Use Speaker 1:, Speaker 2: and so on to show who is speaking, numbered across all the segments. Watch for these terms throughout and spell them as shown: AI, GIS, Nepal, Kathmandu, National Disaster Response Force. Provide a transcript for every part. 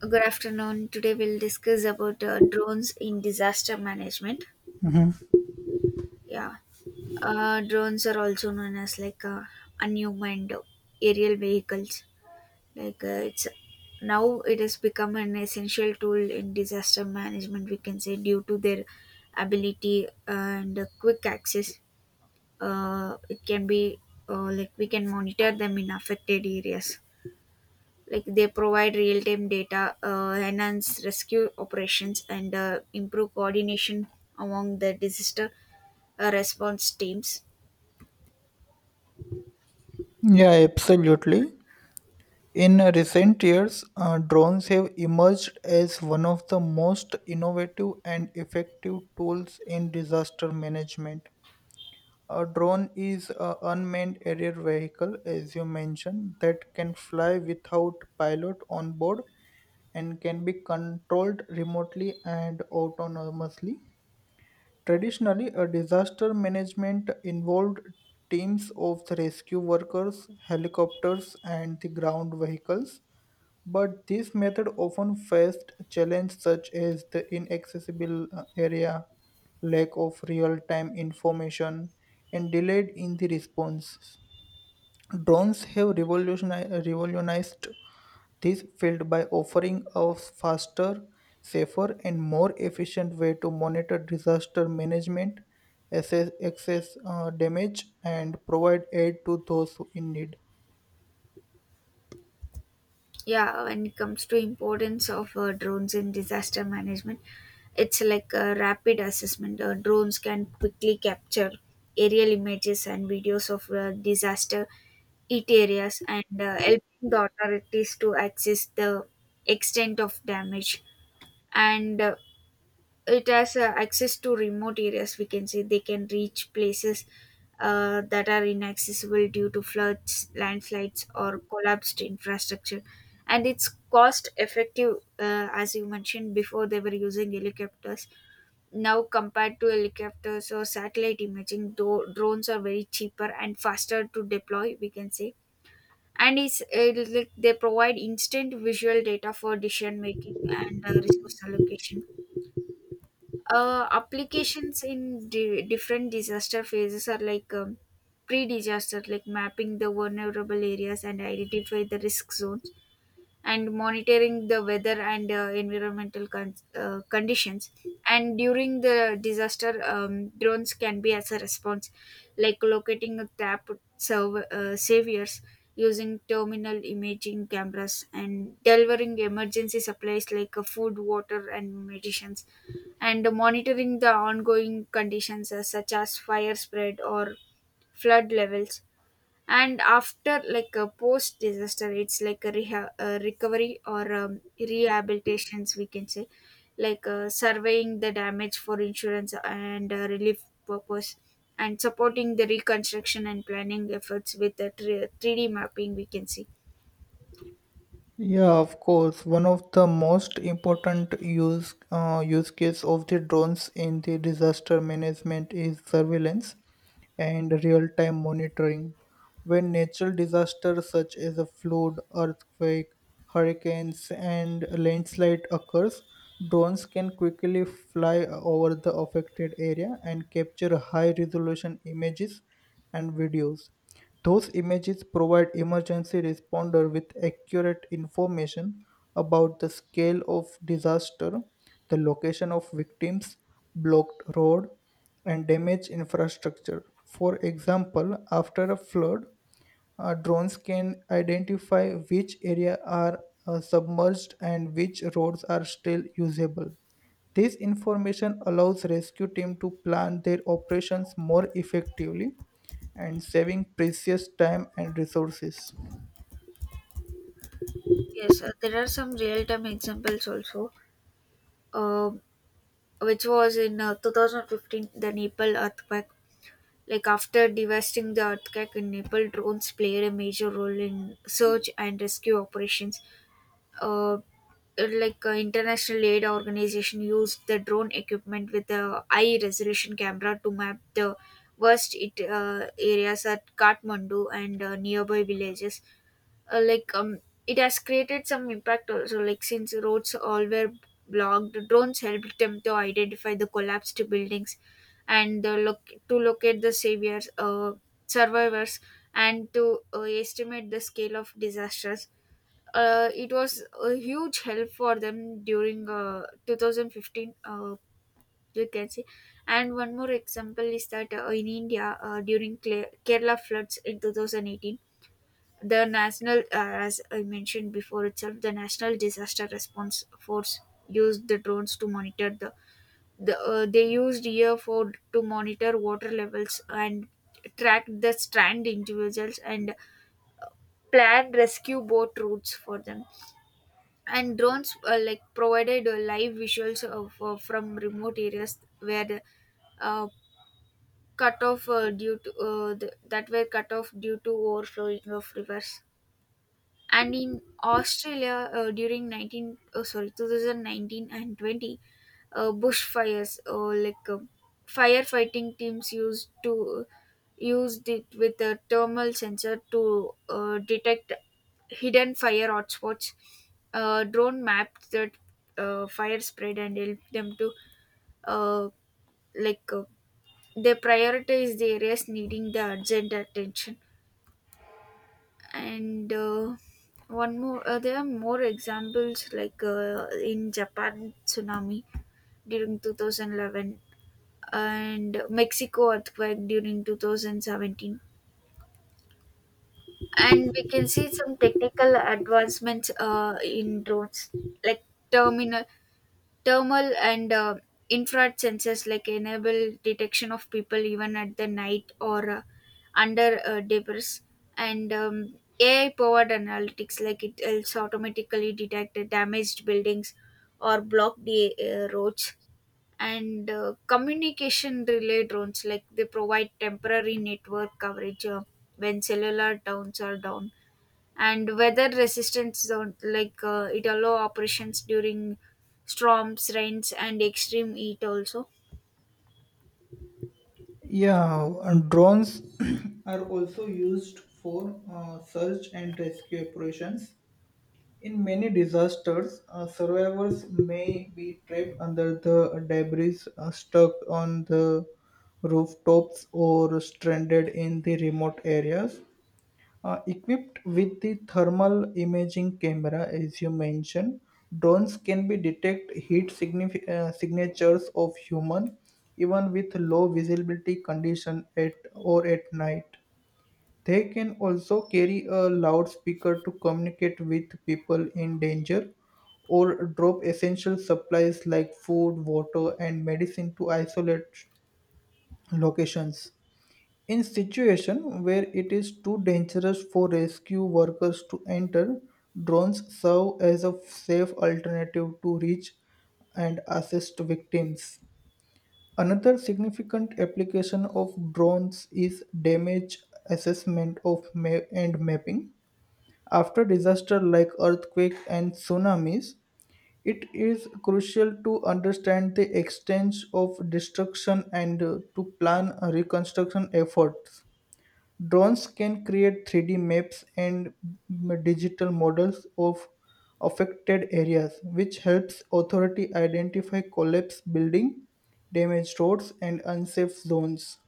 Speaker 1: Good afternoon. Today we'll discuss about drones in disaster management.
Speaker 2: Mhm.
Speaker 1: Yeah, drones are also known as like unmanned aerial vehicles. Like it's now it has become an essential tool in disaster management. We can say, due to their ability and quick access. It can be Like we can monitor them in affected areas, like they provide real-time data, enhance rescue operations, and improve coordination among the disaster response teams.
Speaker 2: Yeah, absolutely. In recent years, drones have emerged as one of the most innovative and effective tools in disaster management. A drone is an unmanned aerial vehicle, as you mentioned, that can fly without pilot on board and can be controlled remotely and autonomously. Traditionally, a disaster management involved teams of the rescue workers, helicopters, and the ground vehicles. But this method often faced challenges such as the inaccessible area, lack of real-time information, and delayed in the responses. Drones have revolutionized this failed by offering a faster, safer, and more efficient way to monitor disaster management, assess excess damage, and provide aid to those in need.
Speaker 1: Yeah, when it comes to importance of drones in disaster management, it's like a rapid assessment. Drones can quickly capture aerial images and videos of disaster hit areas, and helping the authorities to access the extent of damage. And it has access to remote areas, we can say. They can reach places that are inaccessible due to floods, landslides, or collapsed infrastructure. And it's cost effective. As you mentioned before, they were using helicopters. Now, compared to helicopters or satellite imaging, though, drones are very cheaper and faster to deploy, we can say. And it's like they provide instant visual data for decision making and resource allocation. Applications in different disaster phases are like, pre-disaster, like mapping the vulnerable areas and identify the risk zones, and monitoring the weather and environmental conditions. And during the disaster, drones can be as a response, like locating tap server saviors using terminal imaging cameras, and delivering emergency supplies like food, water, and medicines, and monitoring the ongoing conditions, such as fire spread or flood levels. And after, like, a post disaster, it's like a recovery or rehabilitations, we can say, like surveying the damage for insurance and relief purpose, and supporting the reconstruction and planning efforts with the 3D mapping, we can see.
Speaker 2: Yeah, of course. One of the most important use case of the drones in the disaster management is surveillance and real-time monitoring. When natural disasters such as a flood, earthquake, hurricanes, and landslide occurs, drones can quickly fly over the affected area and capture high-resolution images and videos. Those images provide emergency responder with accurate information about the scale of disaster, the location of victims, blocked road, and damage infrastructure. For example, after a flood, drones can identify which areas are submerged and which roads are still usable. This information allows rescue team to plan their operations more effectively and saving precious time and resources.
Speaker 1: Yes, there are some real-time examples also, um, which was in 2015, the Nepal earthquake. Like after devastating the earthquake in Nepal, drones played a major role in search and rescue operations. Uh, like, international aid organization used the drone equipment with a high resolution camera to map the worst it, areas at Kathmandu and nearby villages. Like, it has created some impact also, like since roads all were blocked, drones helped them to identify the collapsed buildings, and look to locate the saviors survivors, and to estimate the scale of disasters. It was a huge help for them during 2015, you can see. And one more example is that in India during Kerala floods in 2018, the as I mentioned before itself, the National Disaster Response Force used the drones to monitor. The. They used year four to monitor water levels and track the strand individuals and plan rescue boat routes for them. And drones like provided live visuals from remote areas where the uh, cut off, due to that were cut off due to overflowing of rivers. And in Australia during nineteen oh sorry, 2019 and 20 bushfires, or like firefighting teams used it with a thermal sensor to detect hidden fire hotspots. Drone mapped that fire spread and helped them to, uh, like uh, they prioritize the areas needing the urgent attention. And one more there are more examples, like in Japan tsunami during 2011 and Mexico earthquake during 2017. And we can see some technical advancements in drones, like terminal thermal and infrared sensors like enable detection of people even at the night or under debris. And AI powered analytics, like it helps automatically detect the damaged buildings or block the roads. And communication relay drones, like they provide temporary network coverage when cellular towns are down. And weather resistance zone, like it allow operations during storms, rains, and extreme heat also.
Speaker 2: Yeah, and drones are also used for search and rescue operations. In many disasters, survivors may be trapped under the debris, stuck on the rooftops, or stranded in the remote areas. Equipped with the thermal imaging camera, as you mentioned, drones can be detect heat signatures of human, even with low visibility condition at or at night. They can also carry a loudspeaker to communicate with people in danger or drop essential supplies like food, water, and medicine to isolate locations. In situation where it is too dangerous for rescue workers to enter, drones serve as a safe alternative to reach and assist victims. Another significant application of drones is damage assessment and mapping. After disasters like earthquakes and tsunamis, it is crucial to understand the extent of destruction and to plan reconstruction efforts. Drones can create 3D maps and digital models of affected areas, which helps authority identify collapsed building, damaged roads, and unsafe zones.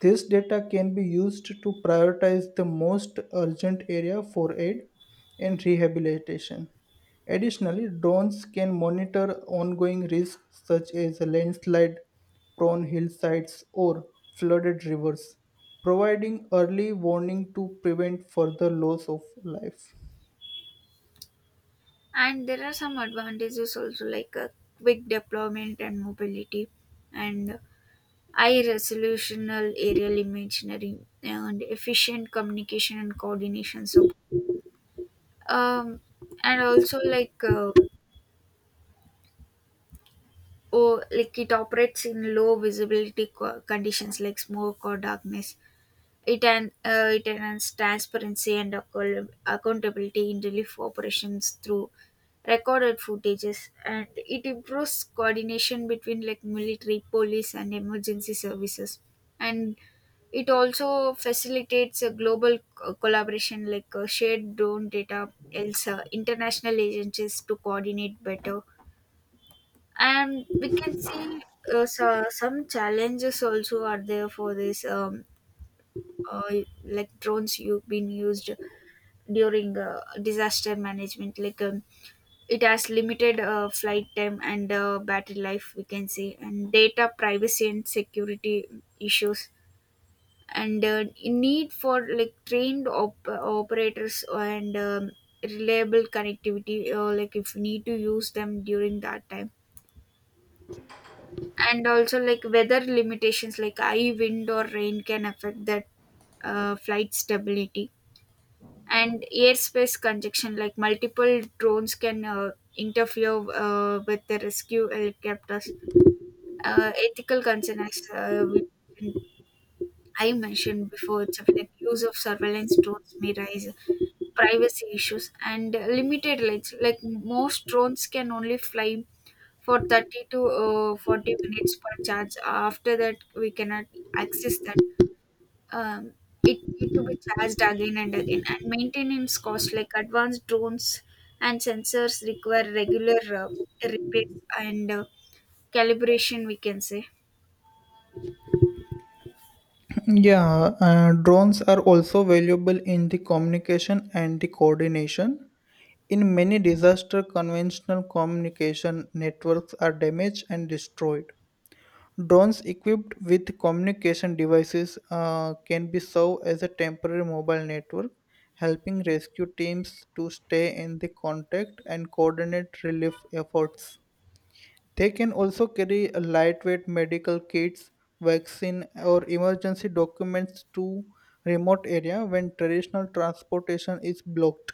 Speaker 2: This data can be used to prioritize the most urgent area for aid and rehabilitation. Additionally, drones can monitor ongoing risks such as landslide prone hillsides or flooded rivers, providing early warning to prevent further loss of life.
Speaker 1: And there are some advantages also, like quick deployment and mobility, and high resolutional aerial imaginary, and efficient communication and coordination. So um and also, like, oh, like it operates in low visibility conditions like smoke or darkness. It enhances transparency and accountability in relief operations through recorded footages, and it improves coordination between like military, police, and emergency services. And it also facilitates a global collaboration, like shared drone data else international agencies to coordinate better. And we can see, so some challenges also are there for this, uh, like drones you've been used during disaster management, like, it has limited flight time and battery life, we can say, and data privacy and security issues, and need for, like, trained operators, and reliable connectivity, like if you need to use them during that time. And also, like, weather limitations like high wind or rain can affect that flight stability, and airspace congestion, like multiple drones can interfere with the rescue helicopters. Ethical concern, as I mentioned before, it's of like use of surveillance drones may rise privacy issues, and limited legs, like most drones can only fly for 30 to 40 minutes per charge. After that, we cannot access that. um, it need to be charged again and again, and maintenance costs, like advanced drones and sensors require regular repairs and calibration, we can say.
Speaker 2: Yeah, drones are also valuable in the communication and the coordination. In many disaster, conventional communication networks are damaged and destroyed. Drones equipped with communication devices can be served as a temporary mobile network, helping rescue teams to stay in the contact and coordinate relief efforts. They can also carry a lightweight medical kits, vaccine, or emergency documents to remote area when traditional transportation is blocked.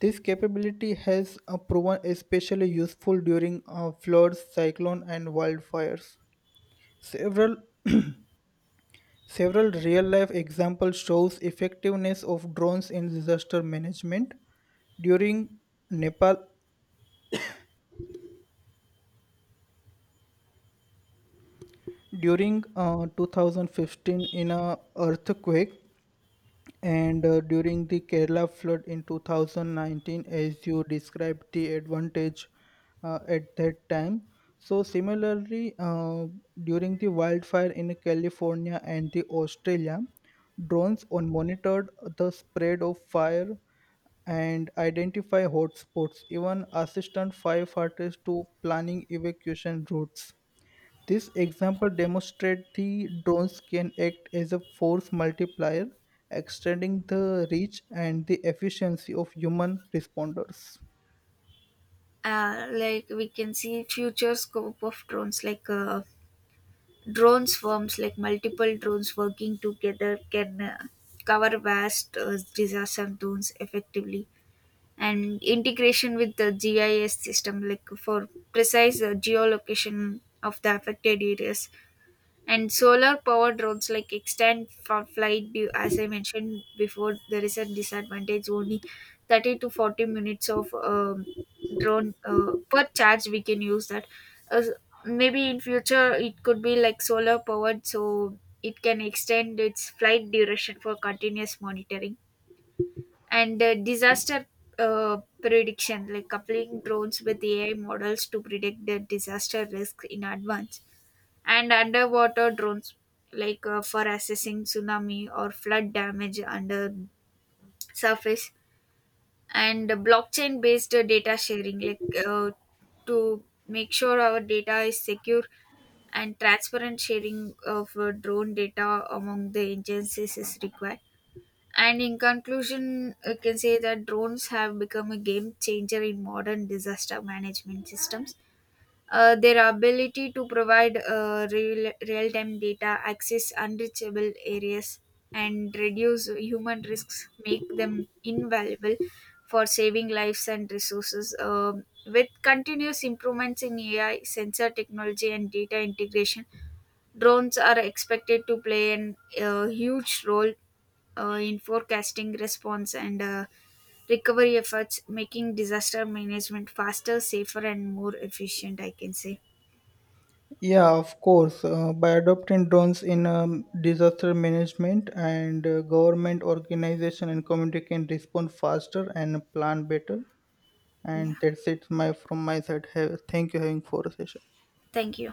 Speaker 2: This capability has proven especially useful during floods, cyclone, and wildfires. Several several real-life examples shows effectiveness of drones in disaster management. During Nepal, during 2015, in a earthquake. And during the Kerala flood in 2019, as you described the advantage at that time. So, similarly, during the wildfire in California and the Australia, drones on monitored the spread of fire and identify hotspots, even assistant firefighters to planning evacuation routes. This example demonstrates the drones can act as a force multiplier, extending the reach and the efficiency of human responders.
Speaker 1: Like, we can see future scope of drones, like drones firms, like multiple drones working together can cover vast disaster zones effectively, and integration with the GIS system, like for precise geolocation of the affected areas, and solar powered roads, like extend for flight view. As I mentioned before, there is a disadvantage, only 30 to 40 minutes of drone per charge. We can use that. Uh, Maybe in future it could be like solar powered, so it can extend its flight duration for continuous monitoring, and disaster prediction, like coupling drones with AI models to predict the disaster risk in advance, and underwater drones, like for assessing tsunami or flood damage under surface, and blockchain based data sharing, like to make sure our data is secure and transparent sharing of drone data among the agencies is required. And in conclusion, I can say that drones have become a game changer in modern disaster management systems. Their ability to provide real-time data, access unreachable areas, and reduce human risks make them invaluable for saving lives and resources. With continuous improvements in AI, sensor technology, and data integration, drones are expected to play a huge role in forecasting response and recovery efforts, making disaster management faster, safer, and more efficient, I can say.
Speaker 2: Yeah, of course. By adopting drones in disaster management and government organization and community can respond faster and plan better.
Speaker 1: Yeah.
Speaker 2: And from my side. Thank you having for a session.
Speaker 1: Thank you.